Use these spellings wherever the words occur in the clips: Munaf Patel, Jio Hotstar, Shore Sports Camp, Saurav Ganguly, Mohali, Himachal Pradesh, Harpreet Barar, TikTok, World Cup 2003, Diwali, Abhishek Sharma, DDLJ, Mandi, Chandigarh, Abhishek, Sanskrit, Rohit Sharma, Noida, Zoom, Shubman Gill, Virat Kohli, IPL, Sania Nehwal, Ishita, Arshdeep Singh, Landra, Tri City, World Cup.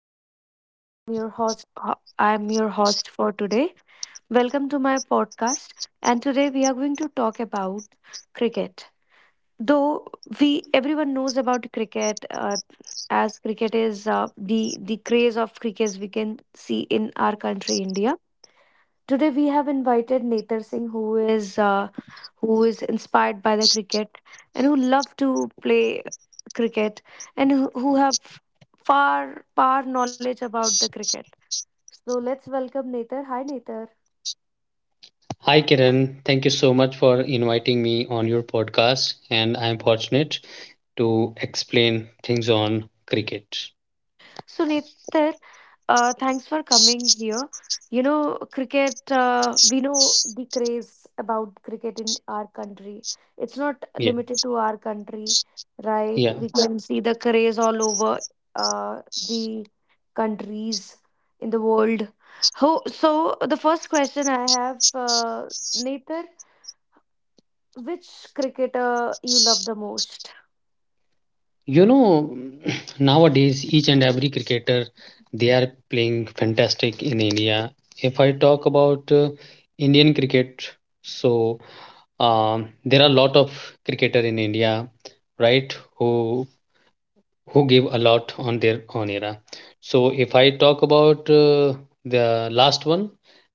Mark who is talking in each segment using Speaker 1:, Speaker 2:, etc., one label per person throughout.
Speaker 1: Name is Kiran and I'm your I'm your host for today. Welcome to my podcast, and today we are going to talk about cricket. Though we Everyone knows about cricket, as cricket is, the craze of cricket we can see in our country, India. Today we have invited Nether Singh, is uh, who is inspired by the cricket and who love to play cricket, and who have far knowledge about the cricket. So let's welcome Nether. Hi Nether.
Speaker 2: Hi, Kiran. Thank you so much for inviting me on your podcast. And I'm fortunate to explain things on cricket.
Speaker 1: So, Netar, thanks for coming here. You know, cricket, we know the craze about cricket in our country. It's not
Speaker 2: Yeah.
Speaker 1: limited to our country, right?
Speaker 2: Yeah.
Speaker 1: We can see the craze all over, uh, the countries in the world. Ho so, the first question I have, uh, Netar, which cricketer you love the most?
Speaker 2: You know, nowadays, each and every cricketer, they are playing fantastic in India. If I talk about Indian cricket, so there are a lot of cricketer in India, right, who gave a lot on their own era. So if I talk about the last one,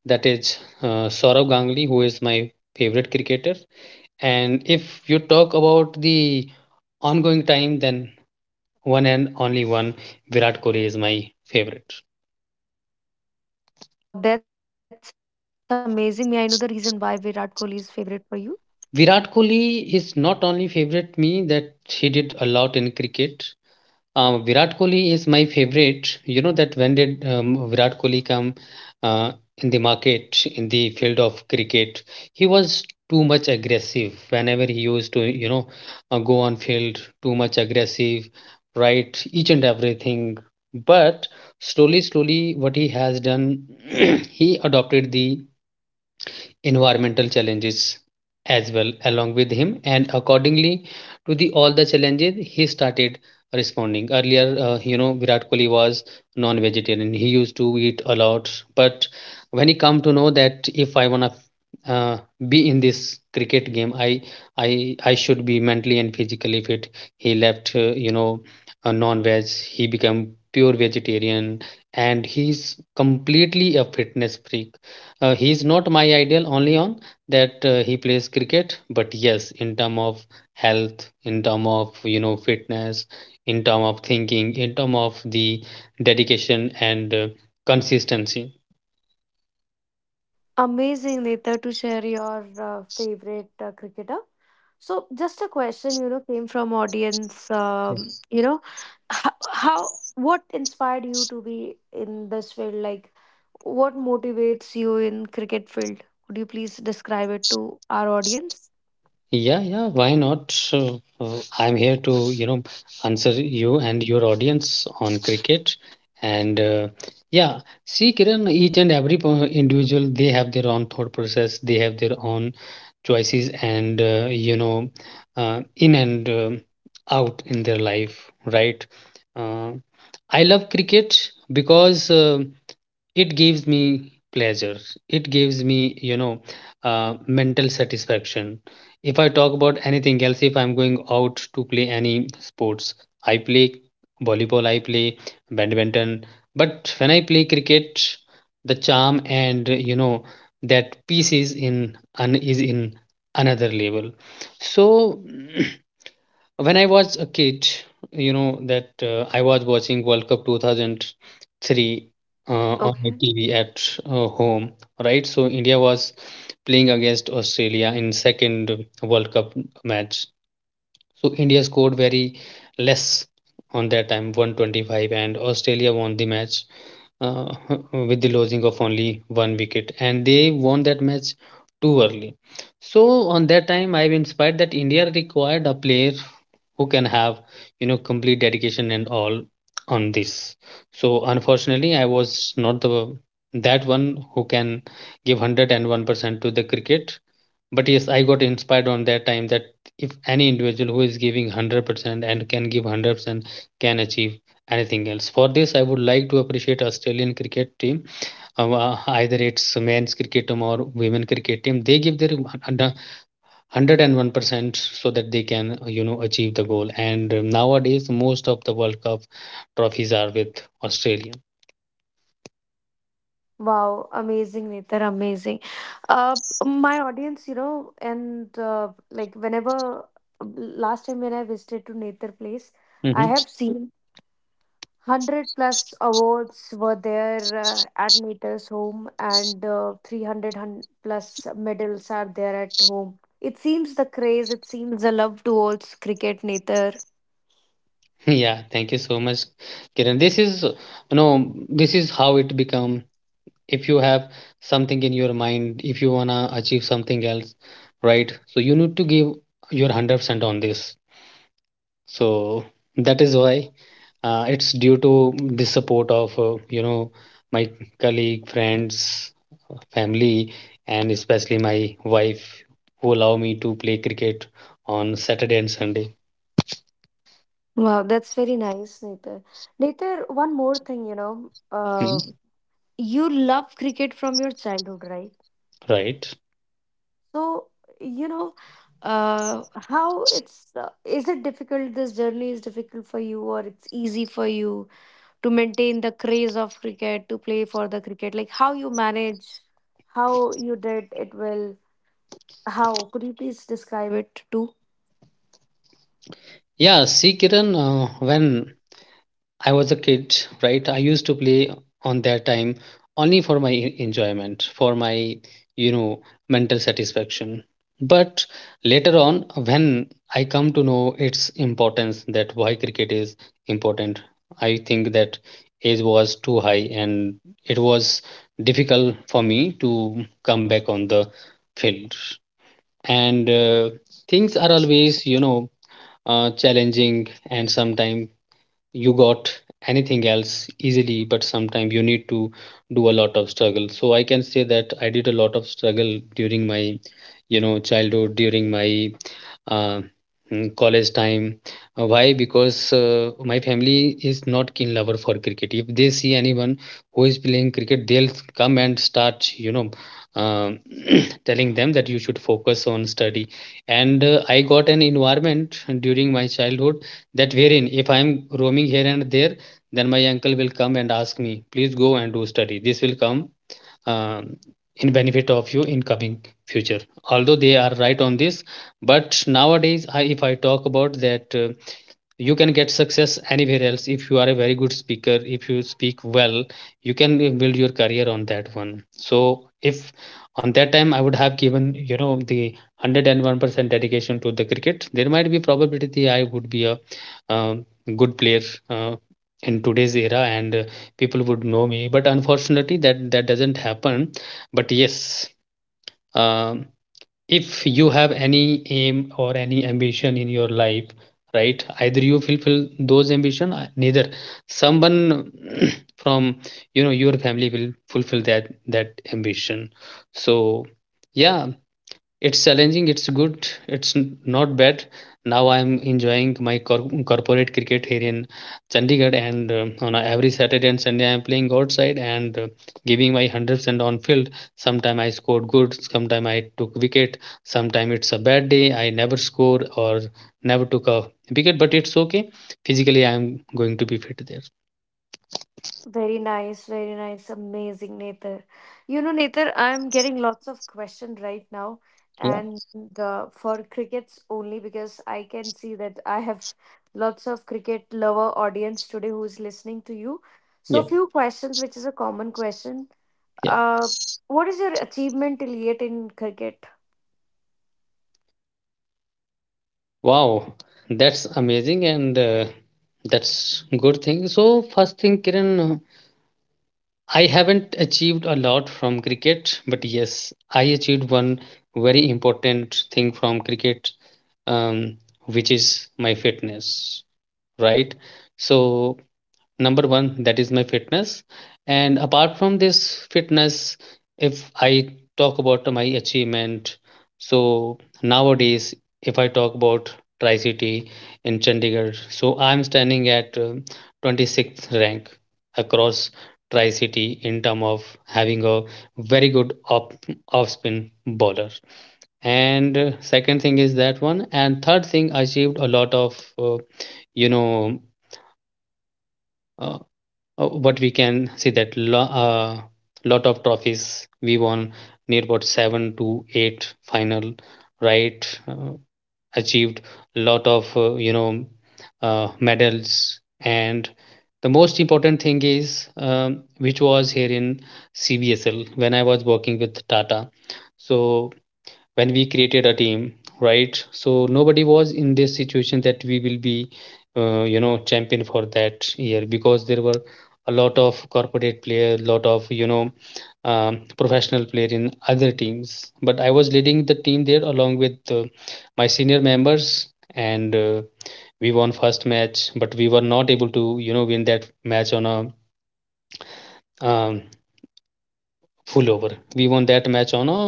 Speaker 2: that is Saurav Ganguly, who is my favorite cricketer. And if you talk about the ongoing time, then one and only one, Virat Kohli is my favorite.
Speaker 1: Wow, that's amazing. May I know the reason why Virat Kohli is favorite for you?
Speaker 2: Virat Kohli is not only favorite me that he did a lot in cricket. Virat Kohli is my favorite. You know that when did Virat Kohli come uh, in the market, in the field of cricket, he was too much aggressive. Whenever he used to, you know, go on field, too much aggressive, right, each and everything. But slowly, slowly, what he has done, he adopted the environmental challenges as well along with him and accordingly to the all the challenges he started responding earlier. You know, Virat Kohli was non vegetarian, he used to eat a lot. But when he come to know that if I want to be in this cricket game, i I should be mentally and physically fit, he left, you know, a non-veg. He became pure vegetarian and he's completely a fitness freak. He's not my ideal only on that he plays cricket, but yes, in term of health, in term of, you know, fitness, in term of thinking, in term of the dedication and consistency.
Speaker 1: Amazing, Neta, to share your favorite cricketer. So,
Speaker 2: Yeah.
Speaker 1: just a question, you know, came from audience. You know, what inspired you to be in this field? Like, what motivates you in cricket field? Could you please describe it to our audience?
Speaker 2: Yeah, yeah, why not? I'm here to, you know, answer you and your audience on cricket. And yeah, see, Kiran, each and every individual, they have their own thought process, they have their own choices, and, you know, in and out in their life, right? Uh, I love cricket because it gives me pleasure, it gives me, you know, mental satisfaction. If I talk about anything else, if I'm going out to play any sports, I play volleyball, I play badminton, but when I play cricket, the charm and, you know, that peace is in is in another level. So when I was a kid, you know that I was watching World Cup 2003
Speaker 1: Okay.
Speaker 2: on my TV at home, right? So India was playing against Australia in second World Cup match. So India scored very less on that time, 125, and Australia won the match, uh, with the losing of only one wicket, and they won that match too early. So on that time, I've inspired that India required a player who can have, you know, complete dedication and all on this. So unfortunately I was not the that one who can give 101% to the cricket. But yes, I got inspired on that time that if any individual who is giving 100% and can give 100% can achieve anything else. For this I would like to appreciate Australian cricket team, either it's men's cricket team or women cricket team, they give their 101% so that they can, you know, achieve the goal. And nowadays most of the World Cup trophies are with Australia.
Speaker 1: Wow, amazing, Netar, amazing. Uh, my audience, you know, and like whenever last time when I visited to Netar place, I
Speaker 2: Hmm.
Speaker 1: have seen 100 plus awards were there at Mater's home, and plus medals are there at home. It seems the craze, it seems the love towards cricket, Nether.
Speaker 2: Yeah, thank you so much, Kiran. This is, you know, this is how it become. If you have something in your mind, if you wanna achieve something else, right, so you need to give your 100% on this. So that is why it's due to the support of, you know, my colleague, friends, family, and especially my wife, who allow me to play cricket on Saturday and Sunday.
Speaker 1: Wow, that's very nice, Netar. Netar, one more thing, you know,
Speaker 2: Mhm.
Speaker 1: you love cricket from your childhood, right?
Speaker 2: Right?
Speaker 1: So, you know, how it's is it difficult? This journey is difficult for you, or it's easy for you to maintain the craze of cricket, to play for the cricket? Like how you manage, how you did it well, how could you please describe it too?
Speaker 2: Yeah. See, Kiran, when I was a kid, right? I used to play on that time only for my enjoyment, for my, you know, mental satisfaction. But later on, when I come to know its importance, that why cricket is important, I think that age was too high and it was difficult for me to come back on the field. And things are always, you know, challenging, and sometimes you got anything else easily, but sometimes you need to do a lot of struggle. So I can say that I did a lot of struggle during my, you know, childhood, during my uh, college time. Why? Because my family is not keen lover for cricket. If they see anyone who is playing cricket, they'll come and start, you know, um telling them that you should focus on study. And I got an environment during my childhood that wherein if I'm roaming here and there, then my uncle will come and ask me, please go and do study. This will come um, in benefit of you in coming future. Although they are right on this, but nowadays if I talk about that, you can get success anywhere else if you are a very good speaker, if you speak well you can build your career on that one. So if on that time I would have given, you know, the 101% dedication to the cricket, there might be probability I would be a um, good player uh, in today's era, and people would know me, but unfortunately that doesn't happen. But yes, uh, if you have any aim or any ambition in your life, right, either you fulfill those ambition neither someone from, you know, your family will fulfill that ambition. So yeah, it's challenging, it's good, it's not bad. Now I'm enjoying my corporate cricket here in Chandigarh, and on every Saturday and Sunday I'm playing outside and, giving my 100% on field. Sometime I scored good, sometime I took wicket, sometime it's a bad day, I never score or never took a wicket, but it's okay. Physically, I'm going to be fit there.
Speaker 1: Very nice, amazing, Nether. You know, Nether, I'm getting lots of questions right now,
Speaker 2: Yeah,
Speaker 1: and for crickets only because I can see that I have lots of cricket lover audience today who is listening to you. So,
Speaker 2: yeah,
Speaker 1: few questions, which is a common question.
Speaker 2: yeah.
Speaker 1: Uh, what is your achievement till yet in cricket?
Speaker 2: Wow, that's amazing and, that's good thing. So first thing, Kiran, I haven't achieved a lot from cricket, but yes, I achieved one very important thing from cricket, um, which is my fitness, right? So number one that is my fitness. And apart from this fitness, if I talk about my achievement, so nowadays, if I talk about tri city in Chandigarh, so I'm standing at 26th rank across tri city in term of having a very good off spin bowler. And second thing is that one, and third thing, I achieved a lot of, you know, uh, what we can see that lot of trophies we won, near about 7 to 8 final, right. Achieved lot of, you know, medals. And the most important thing is, which was here in CBSL when I was working with Tata. So when we created a team, right, so nobody was in this situation that we will be, you know, champion for that year, because there were a lot of corporate player, lot of, you know, professional player in other teams. But I was leading the team there along with, my senior members. And we won first match, but we were not able to, you know, win that match on a um, full over. We won that match on a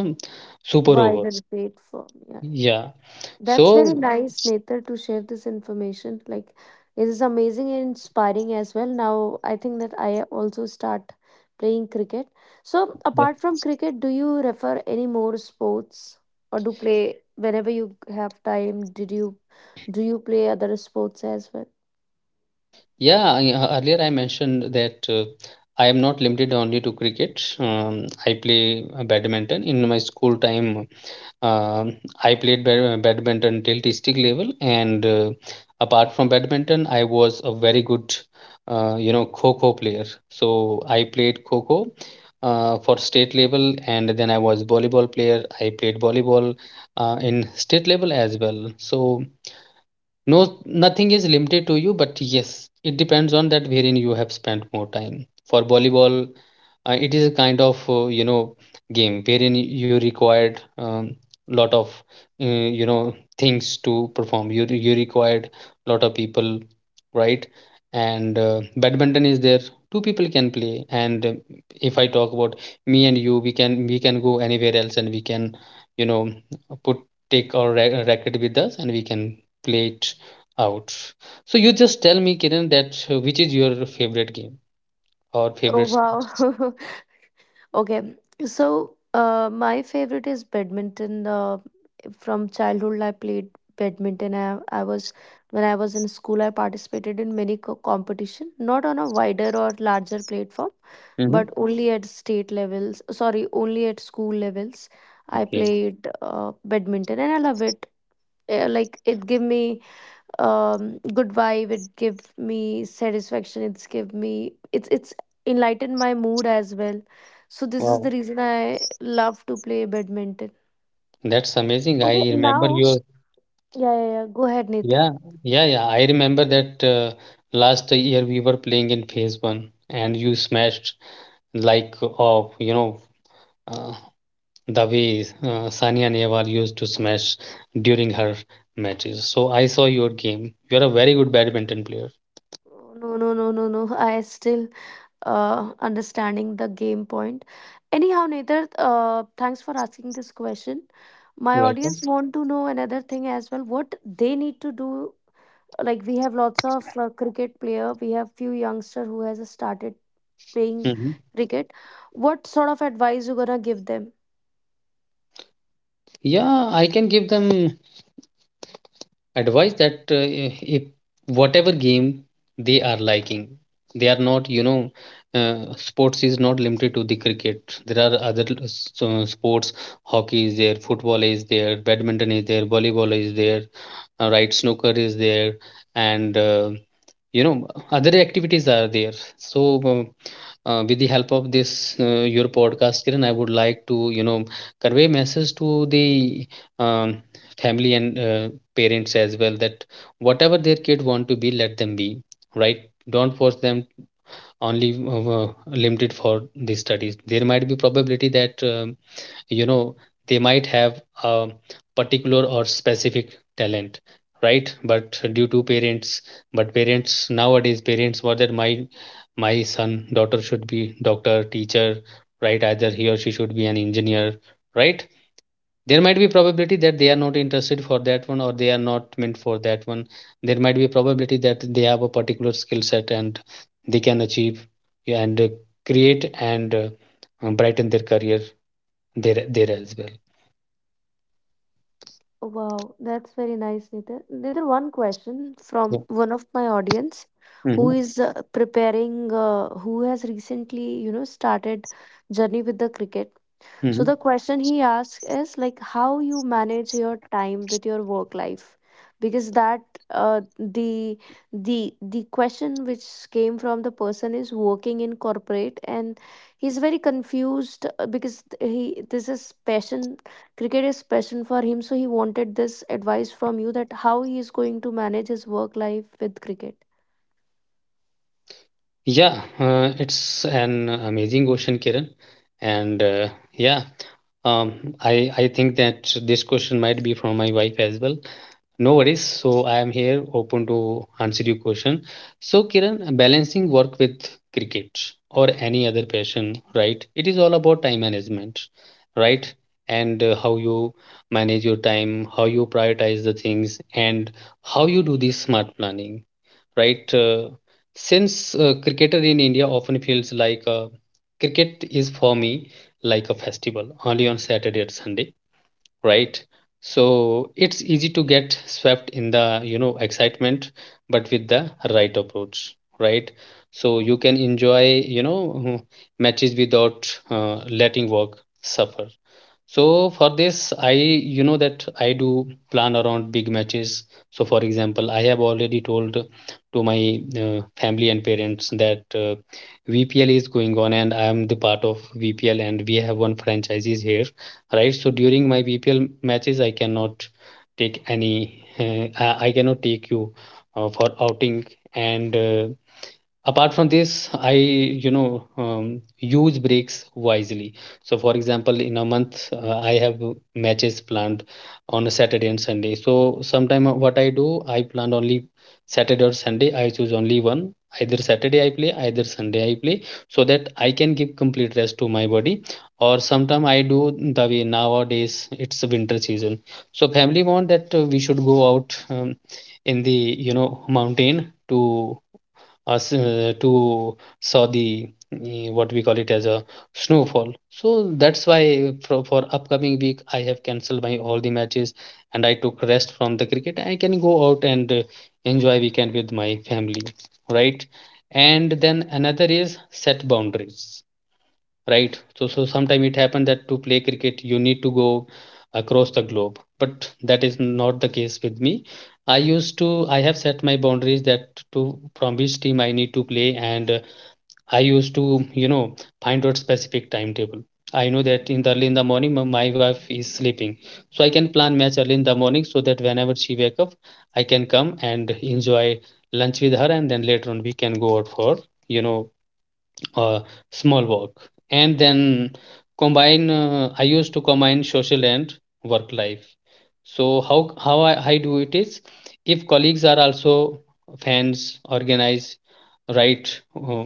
Speaker 2: super overs.
Speaker 1: Wider platform. Yeah, yeah,
Speaker 2: Yeah.
Speaker 1: yeah.
Speaker 2: So
Speaker 1: That's very nice, Nether, to share this information. Like, it is amazing and inspiring as well. Now, I think that I also start playing cricket. So,
Speaker 2: yeah,
Speaker 1: apart from cricket, do you refer any more sports, or do play whenever you have time? Did you do you play other sports as well?
Speaker 2: yeah. Earlier I mentioned that I am not limited only to cricket. I play badminton in my school time. um I played badminton till district level, and apart from badminton, I was a very good, you know, kho player. So I played kho for state level, and then I was volleyball player. I played volleyball in state level as well. So, no, nothing is limited to you, but yes, it depends on that wherein you have spent more time. For volleyball, it is a kind of, you know, game wherein you required, lot of, you know, things to perform. You required lot of people, right? And badminton is there. Two people can play. And if I talk about me and you, we can go anywhere else, and we can, you know, put take our racket with us, and we can play it out. So you just tell me, Kiran, that which is your favorite game or
Speaker 1: Oh
Speaker 2: favorite sports?
Speaker 1: wow. Okay, so my favorite is badminton. From childhood, I played badminton. I was When I was in school, I participated in many competition, not on a wider or larger platform, but
Speaker 2: Hmm.
Speaker 1: only at state levels. Sorry, only at school levels. I
Speaker 2: Okay.
Speaker 1: played badminton, and I love it. Like it give me good vibe. It give me satisfaction. It's give me it's enlightened my mood as well. So this is the
Speaker 2: Wow.
Speaker 1: reason I love to play badminton.
Speaker 2: That's amazing. I
Speaker 1: Okay,
Speaker 2: remember
Speaker 1: now
Speaker 2: your
Speaker 1: yeah, yeah, yeah. Go ahead, Nathan.
Speaker 2: yeah, yeah. I remember that last year we were playing in phase one and you smashed like of, you know, uh, the way Sania Nehwal used to smash during her matches. So I saw your game. You're a very good badminton player.
Speaker 1: No, no, no, no, no. I still understanding the game point. Anyhow, Nathan, thanks for asking this question. My
Speaker 2: You're welcome.
Speaker 1: audience want to know another thing as well. What they need to do, like we have lots of cricket player, we have few youngster who has started playing
Speaker 2: hmm
Speaker 1: cricket. What sort of advice you gonna give them?
Speaker 2: Yeah, I can give them advice that if whatever game they are liking, they are not sports is not limited to the cricket. There are other sports. Hockey is there, football is there, badminton is there, volleyball is there, right, snooker is there, and you know other activities are there. So um, with the help of this your podcast, Kiran, I would like to convey message to the um, family and parents as well that whatever their kid want to be, let them be, right? Don't force them only limited for the studies. There might be probability that you know they might have a particular or specific talent, right? But due to parents, but parents nowadays parents were that my son, daughter should be doctor, teacher, right? Either he or she should be an engineer, right? There might be probability that they are not interested for that one, or they are not meant for that one. There might be probability that they have a particular skill set, and they can achieve and create and brighten their career there, there as well.
Speaker 1: Wow, that's very nice, Nithir. Nithir, one question from
Speaker 2: Yeah.
Speaker 1: one of my audience who
Speaker 2: hmm
Speaker 1: is preparing, who has recently, you know, started journey with the cricket.
Speaker 2: hmm
Speaker 1: So the question he asks is like how you manage your time with your work life, because that, uh, the the question which came from the person is working in corporate, and he's very confused, because he, this is passion, cricket is passion for him, so he wanted this advice from you that how he is going to manage his work life with cricket.
Speaker 2: Yeah, it's an amazing question, Kiran. And yeah, um, I think that this question might be from my wife as well. No worries. So I am here, open to answer your question. So Kiran, balancing work with cricket or any other passion, right? It is all about time management, right? And how you manage your time, how you prioritize the things, and how you do this smart planning, right? Since cricketer in India often feels like cricket is for me like a festival, only on Saturday and Sunday, right? So it's easy to get swept in the excitement, but with the right approach, right? So you can enjoy, you know, matches without letting work suffer. So for this, I, you know, that I do plan around big matches. So for example, I have already told to my family and parents that VPL is going on and I am the part of VPL and we have one franchises here, right? So during my VPL matches, I cannot take any I cannot take you for outing. And apart from this, I, use breaks wisely. So for example, in a month, I have matches planned on a Saturday and Sunday. So sometime, what I do, I plan only Saturday or Sunday, I choose only one. Either Saturday I play, either Sunday I play, so that I can give complete rest to my body. Or sometime I do, the way nowadays it's winter season, so family want that we should go out, in the, you know, mountain to us, to saw the, what we call it as a snowfall. So that's why for upcoming week I have cancelled my all the matches and I took rest from the cricket. I can go out and enjoy weekend with my family, right? And then another is set boundaries, right? So sometimes it happens that to play cricket you need to go across the globe, but that is not the case with me. I used to I have set my boundaries that to from which team I need to play. And I used to, you know, find out specific timetable. I know that in the early in the morning, my wife is sleeping, so I can plan match early in the morning, so that whenever she wake up, I can come and enjoy lunch with her, and then later on we can go out for, you know uh, small work. And then combine, I used to combine social and work life. So how I do it is, if colleagues are also fans organize, right? uh,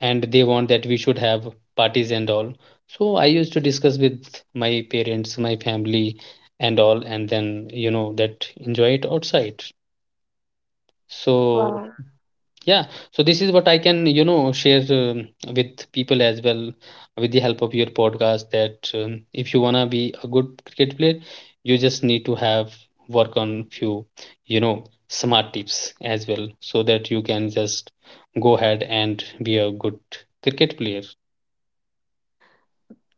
Speaker 2: and they want that we should have parties and all, so I used to discuss with my parents, my family and all, and then, you know, that enjoy it outside. So
Speaker 1: Wow.
Speaker 2: yeah, so this is what I can, you know, share with people as well, with the help of your podcast, that if you wanna be a good cricket player, you just need to have work on few, you know, smart tips as well, so that you can just go ahead and be a good cricket player.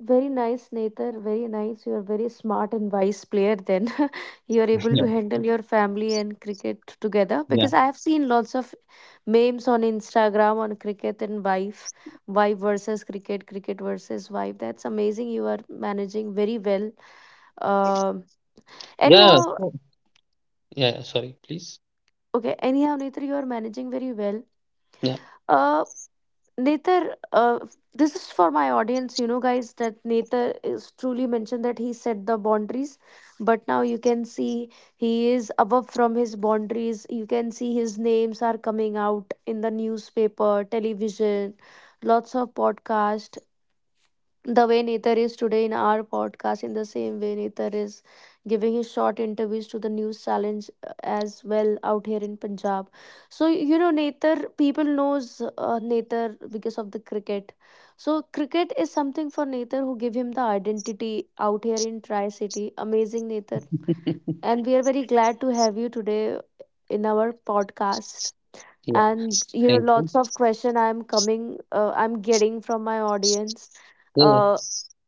Speaker 1: Very nice, Nether. Very nice. You are very smart and wise player. Then you are able
Speaker 2: Yeah,
Speaker 1: to handle your family and cricket together.
Speaker 2: yeah.
Speaker 1: Because I have seen lots of memes on Instagram on cricket and wife, wife versus cricket, cricket versus wife. That's amazing. You are managing very well. Um
Speaker 2: Yeah,
Speaker 1: anyhow,
Speaker 2: so yeah, sorry, please.
Speaker 1: okay. Anyhow, Nether, you are managing very well.
Speaker 2: Yeah.
Speaker 1: Uh, Nether, this is for my audience, you know, guys, that Nether is truly mentioned that he set the boundaries, but now you can see he is above from his boundaries. You can see his names are coming out in the newspaper, television, lots of podcast. The way Nether is today in our podcast, in the same way Nether is giving his short interviews to the news challenge as well out here in Punjab. So you know Nether, people knows Nether because of the cricket. So cricket is something for Nether who give him the identity out here in Tri City. Amazing Nether, and we are very glad to have you today in our podcast.
Speaker 2: Yeah,
Speaker 1: And you know
Speaker 2: thank you.
Speaker 1: lots of question I'm getting from my audience.
Speaker 2: Yeah,
Speaker 1: uh,
Speaker 2: yeah.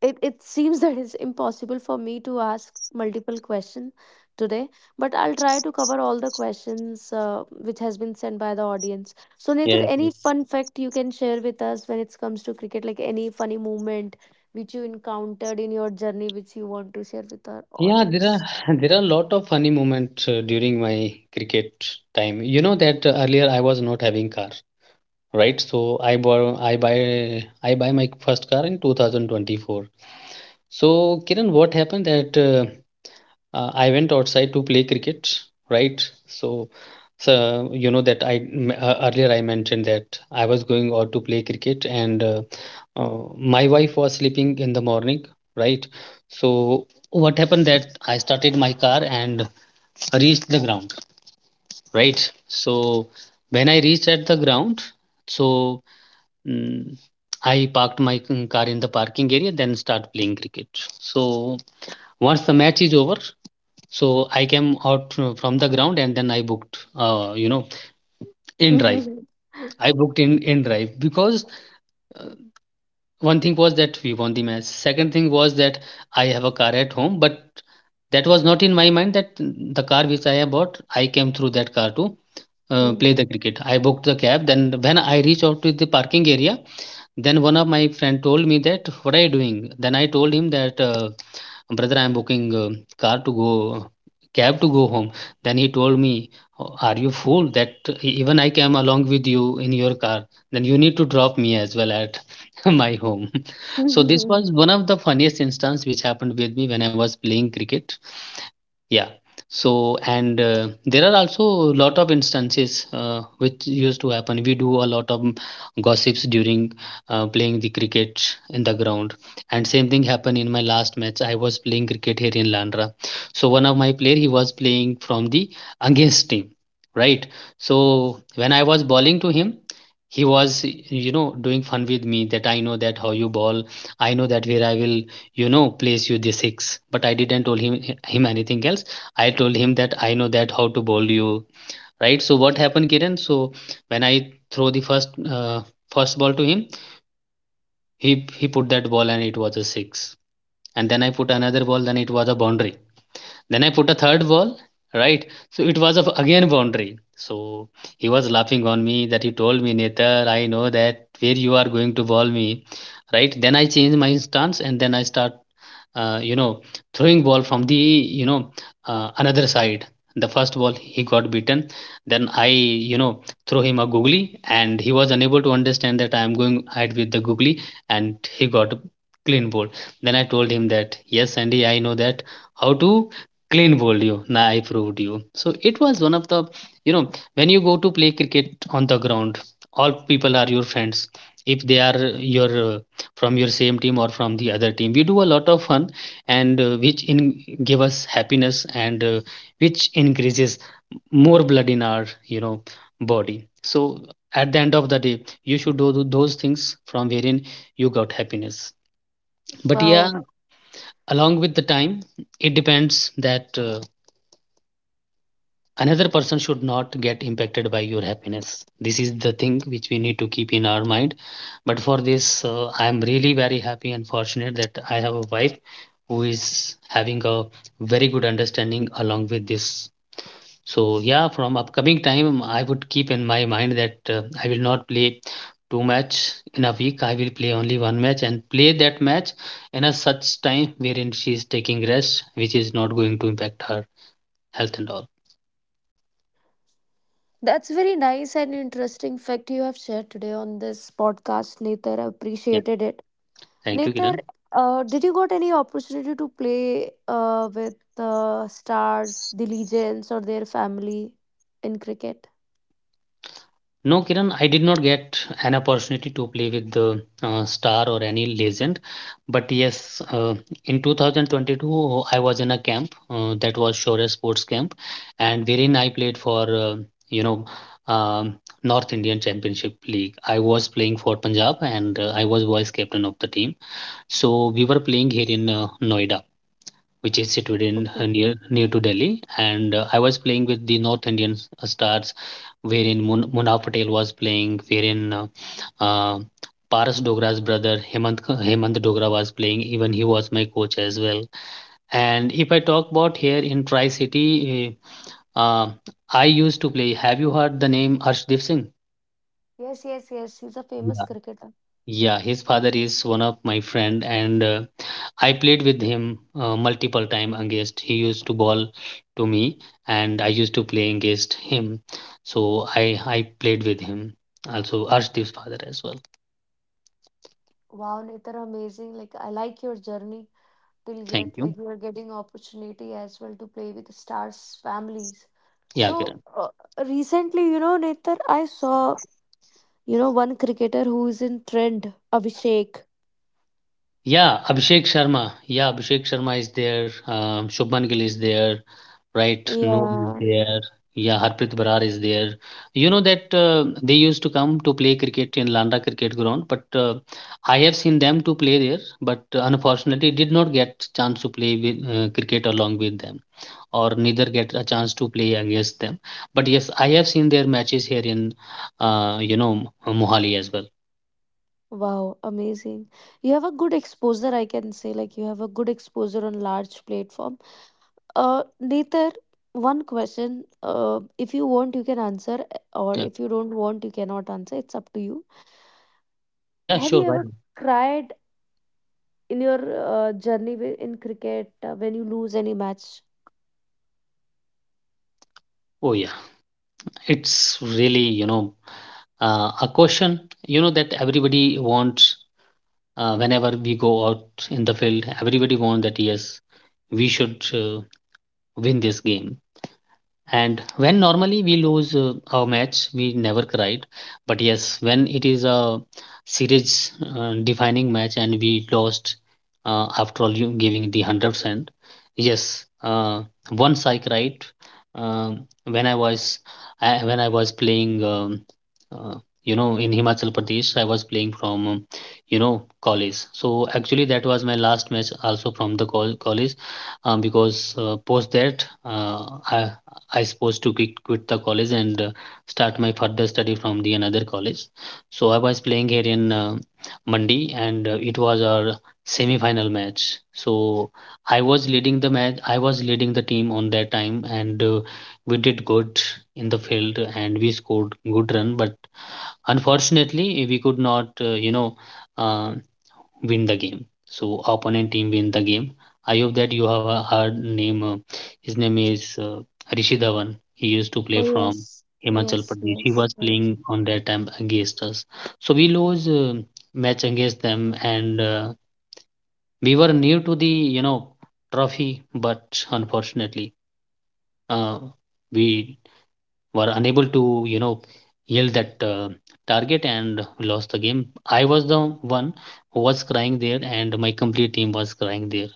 Speaker 1: it, it seems that it's impossible for me to ask multiple question today, but I'll try to cover all the questions which has been sent by the audience. So Netar,
Speaker 2: Yeah, yeah.
Speaker 1: any fun fact you can share with us when it comes to cricket, like any funny moment which you encountered in your journey which you want to share with our
Speaker 2: Yeah, there
Speaker 1: audience?
Speaker 2: are there are a lot of funny moments during my cricket time. You know that earlier I was not having car, right? So I buy my first car in 2024. So Kiran, what happened that I went outside to play cricket, right? So, so you know that earlier I mentioned that I was going out to play cricket, and my wife was sleeping in the morning, right? So what happened that I started my car and reached the ground, right? So when I reached at the ground, so mm, I parked my car in the parking area, then start playing cricket. So once the match is over, so I came out from the ground and then I booked, you know, in drive. I booked in drive because uh, one thing was that we won the match. Second thing was that I have a car at home, but that was not in my mind that the car which I have bought, I came through that car to play
Speaker 1: Mhm.
Speaker 2: the cricket. I booked the cab. Then when I reached out to the parking area, then one of my friend told me, that what are you doing? Then I told him that. Brother, I'm booking a car to go cab to go home. Then he told me, "Oh, are you fool that even I came along with you in your car, then you need to drop me as well at my home." So this was one of the funniest instance which happened with me when I was playing cricket. Yeah. So, and there are also a lot of instances which used to happen. We do a lot of gossips during playing the cricket in the ground. And same thing happened in my last match. I was playing cricket here in Landra. So one of my player, he was playing from the against team, right? So when I was bowling to him, he was, you know, doing fun with me that I know that how you ball. I know that where I will, you know, plays you the six, but I didn't told him anything else. I told him that I know that how to bowl you, right? So what happened, Kiran? So when I throw the uh, first ball to him, he he put that ball and it was a six. And then I put another ball, then it was a boundary. Then I put a third ball, right? So it was of again boundary. So he was laughing on me, that he told me, Netar, I know that where you are going to ball me, right? Then I change my stance, and then I start, you know, throwing ball from the, you know, another side. The first ball he got beaten. Then I, you know, throw him a googly, and he was unable to understand that I am going ahead with the googly, and he got a clean ball. Then I told him that, yes, Sandy, I know that how to clean bowled you. Nah, I proved you. So it was one of the, you know, when you go to play cricket on the ground, all people are your friends. If they are your from your same team or from the other team, we do a lot of fun, and which in give us happiness, and which increases more blood in our, you know, body. So at the end of the day, you should do those things from wherein you got happiness. But yeah,
Speaker 1: Wow.
Speaker 2: along with the time, it depends that. Another person should not get impacted by your happiness. This is the thing which we need to keep in our mind. But for this, I am really very happy and fortunate that I have a wife who is having a very good understanding along with this. So yeah, from upcoming time I would keep in my mind that I will not play two match in a week. I will play only one match and play that match in a such time wherein she is taking rest, which is not going to impact her health and all.
Speaker 1: That's very nice and interesting fact you have shared today on this podcast, Nether. I
Speaker 2: Yeah,
Speaker 1: appreciated it.
Speaker 2: thank you,
Speaker 1: Nether,
Speaker 2: Kiran.
Speaker 1: did you got any opportunity to play with the stars, the legends, or their family in cricket?
Speaker 2: No, Kiran, I did not get an opportunity to play with the star or any legend. But yes, in 2022, I was in a camp that was Shore Sports Camp, and wherein I played for, you know, um, North Indian Championship League. I was playing for Punjab, and I was vice captain of the team. So we were playing here in Noida, which is situated in uh,
Speaker 1: Okay.
Speaker 2: near near to Delhi. And I was playing with the North Indian stars, wherein Munaf Patel was playing, wherein uh, Paras Dogra's brother Hemant Dogra was playing. Even he was my coach as well. And if I talk about here in Tri City, uh, uh, I used to play. Have you heard the name Arshdeep Singh?
Speaker 1: Yes, yes, yes. He's a famous cricketer.
Speaker 2: Yeah, his father is one of my friend, and I played with him multiple time against. He used to ball to me, and I used to play against him. So I played with him. Also, Arshdeep's father as well.
Speaker 1: Wow, Nether, amazing. Like I like your journey till
Speaker 2: Thank
Speaker 1: yet.
Speaker 2: you.
Speaker 1: Like you are getting opportunity as well to play with the stars' families.
Speaker 2: Yeah,
Speaker 1: So
Speaker 2: Kiran.
Speaker 1: recently, you know, Nether, I saw, you know, one cricketer who is in trend, Abhishek.
Speaker 2: Yeah, Abhishek Sharma. Yeah, Abhishek Sharma is there. Shubman Gill is there, right? Noor is
Speaker 1: Yeah.
Speaker 2: there. Yeah, Harpreet Barar is there. You know that they used to come to play cricket in Landa cricket ground, but I have seen them to play there, but unfortunately did not get chance to play with cricket along with them, or neither get a chance to play against them. But yes, I have seen their matches here in, Mohali as well.
Speaker 1: Wow, amazing. You have a good exposure, I can say. Like you have a good exposure on large platform. Netar, one question. If you want, you can answer, or
Speaker 2: Yeah,
Speaker 1: if you don't want, you cannot answer. It's up to you.
Speaker 2: yeah,
Speaker 1: Have you
Speaker 2: sure, right.
Speaker 1: ever cried in your journey in cricket when you lose any match?
Speaker 2: Oh yeah. It's really, you know, a question, you know, that everybody wants whenever we go out in the field. Everybody wants that, yes, we should win this game. And when normally we lose a match, we never cried. But yes, when it is a series defining match and we lost, after all you giving the 100%, yes, once I cried when I was when I was playing uh, you know, in Himachal Pradesh. I was playing from you know, college. So actually that was my last match also from the college, because post that I supposed to quit, quit the college and start my further study from the another college. So I was playing here in Mandi, and it was our semi-final match. So I was leading the match. I was leading the team on that time, and we did good in the field and we scored good run. But unfortunately, we could not, uh, win the game. So opponent team win the game. I hope that you have a heard name. His name is Rishi Dhawan. He used to play
Speaker 1: Oh
Speaker 2: from
Speaker 1: yes,
Speaker 2: Himachal
Speaker 1: yes,
Speaker 2: Pradesh. He was
Speaker 1: yes,
Speaker 2: playing
Speaker 1: yes.
Speaker 2: on that time against us. So we lose match against them, and we were near to the you know trophy, but unfortunately, uh, we were unable to you know yell that target and lost the game. I was the one who was crying there, and my complete team was crying there.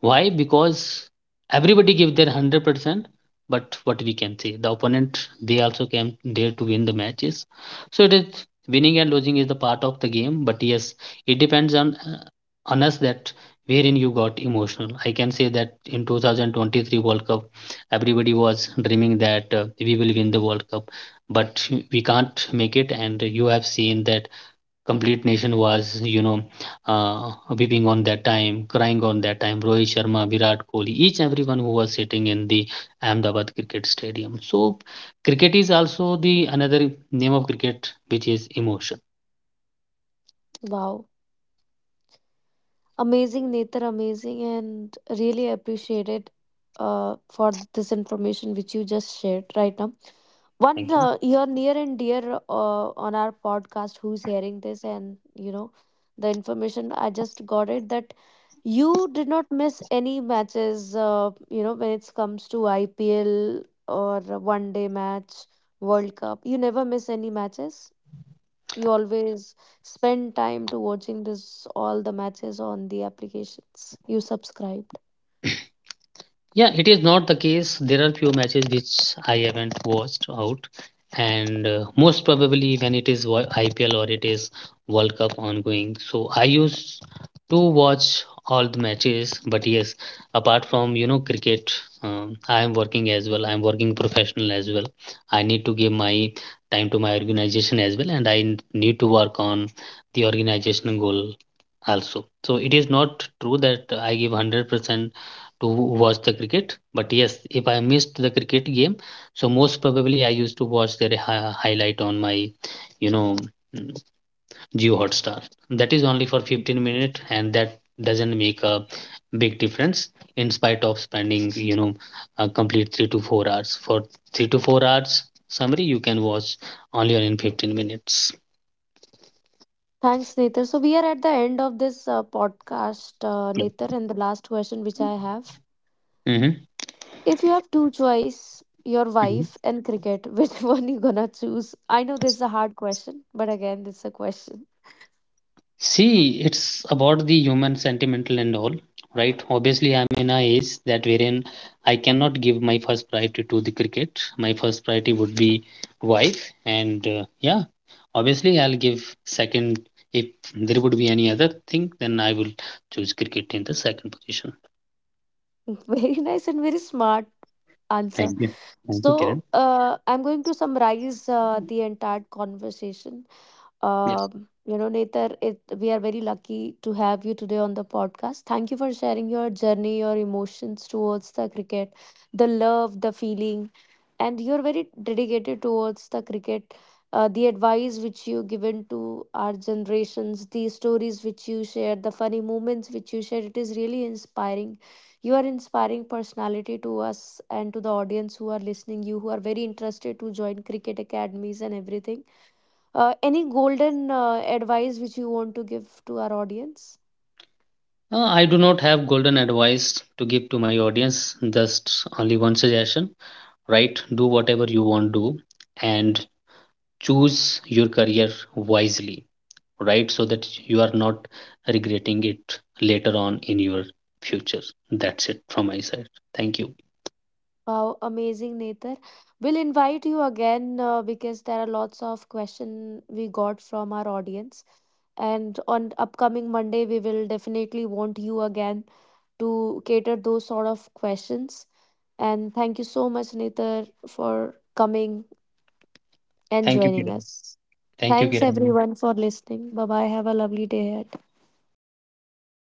Speaker 2: Why? Because everybody gave their 100%, but what we can say, the opponent, they also came there to win the matches. So it is winning and losing is the part of the game, but yes, it depends on us that wherein you got emotional. I can say that in 2023 World Cup, everybody was dreaming that we will win the World Cup, but we can't make it, and you have seen that complete nation was you know uh, weeping on that time, crying on that time. Rohit Sharma, Virat Kohli, each everyone who was sitting in the Ahmedabad cricket stadium. So cricket is also the another name of cricket, which is emotion.
Speaker 1: Wow. Amazing, Netar, amazing, and really appreciated for this information which you just shared right now. One,
Speaker 2: Thank you.
Speaker 1: your near and dear on our podcast who's hearing this, and you know the information I just got it that you did not miss any matches. You know when it comes to IPL or one day match, World Cup, you never miss any matches. You always spend time to watching this all the matches on the applications you subscribed.
Speaker 2: Yeah, it is not the case. There are few matches which I haven't watched out, and most probably when it is IPL or it is World Cup ongoing. So I used to watch all the matches, but yes, apart from you know cricket, I am working as well. I am working professional as well. I need to give my time to my organization as well, and I need to work on the organizational goal also. So it is not true that I give 100% to watch the cricket. But yes, if I missed the cricket game, so most probably I used to watch their highlight on my, you know, mm, Jio Hotstar. That is only for 15 minutes, and that doesn't make a big difference in spite of spending, you know, a complete 3 to 4 hours. For 3 to 4 hours summary, you can watch only on in 15 minutes.
Speaker 1: Thanks Nether. So we are at the end of this podcast,
Speaker 2: Yeah.
Speaker 1: Nether, and the last question which I have:
Speaker 2: Mm-hmm.
Speaker 1: if you have two choice, your wife and cricket, which one you gonna choose? I know this is a hard question, but again, this is a question.
Speaker 2: See, it's about the human sentimental and all, right? Obviously, I'm in a age that wherein I cannot give my first priority to the cricket. My first priority would be wife, and yeah, obviously, I'll give second. If there would be any other thing, then I will choose cricket in the second position.
Speaker 1: Very nice and very smart answer.
Speaker 2: Thank you. Thank you,
Speaker 1: So
Speaker 2: Kiran.
Speaker 1: I'm going to summarize the entire conversation.
Speaker 2: Yes.
Speaker 1: You know, Netar, it, we are very lucky to have you today on the podcast. Thank you for sharing your journey, your emotions towards the cricket, the love, the feeling, and you're very dedicated towards the cricket. The advice which you given to our generations, the stories which you share, the funny moments which you share, it is really inspiring. You are inspiring personality to us and to the audience who are listening. You who are very interested to join cricket academies and everything, any golden advice which you want to give to our audience?
Speaker 2: I do not have golden advice to give to my audience, just only one suggestion, right? Do whatever you want to do and choose your career wisely, right, so that you are not regretting it later on in your future. That's it from my side. Thank you.
Speaker 1: Wow, amazing, Nether. We'll invite you again because there are lots of questions we got from our audience. And on upcoming Monday, we will definitely want you again to cater those sort of questions. And thank you so much, Nether, for coming and
Speaker 2: Thank you,
Speaker 1: joining
Speaker 2: Kiran.
Speaker 1: us.
Speaker 2: Thank you,
Speaker 1: Thanks,
Speaker 2: Kiran.
Speaker 1: everyone, for listening. Bye bye. Have a lovely day ahead.
Speaker 2: Bye.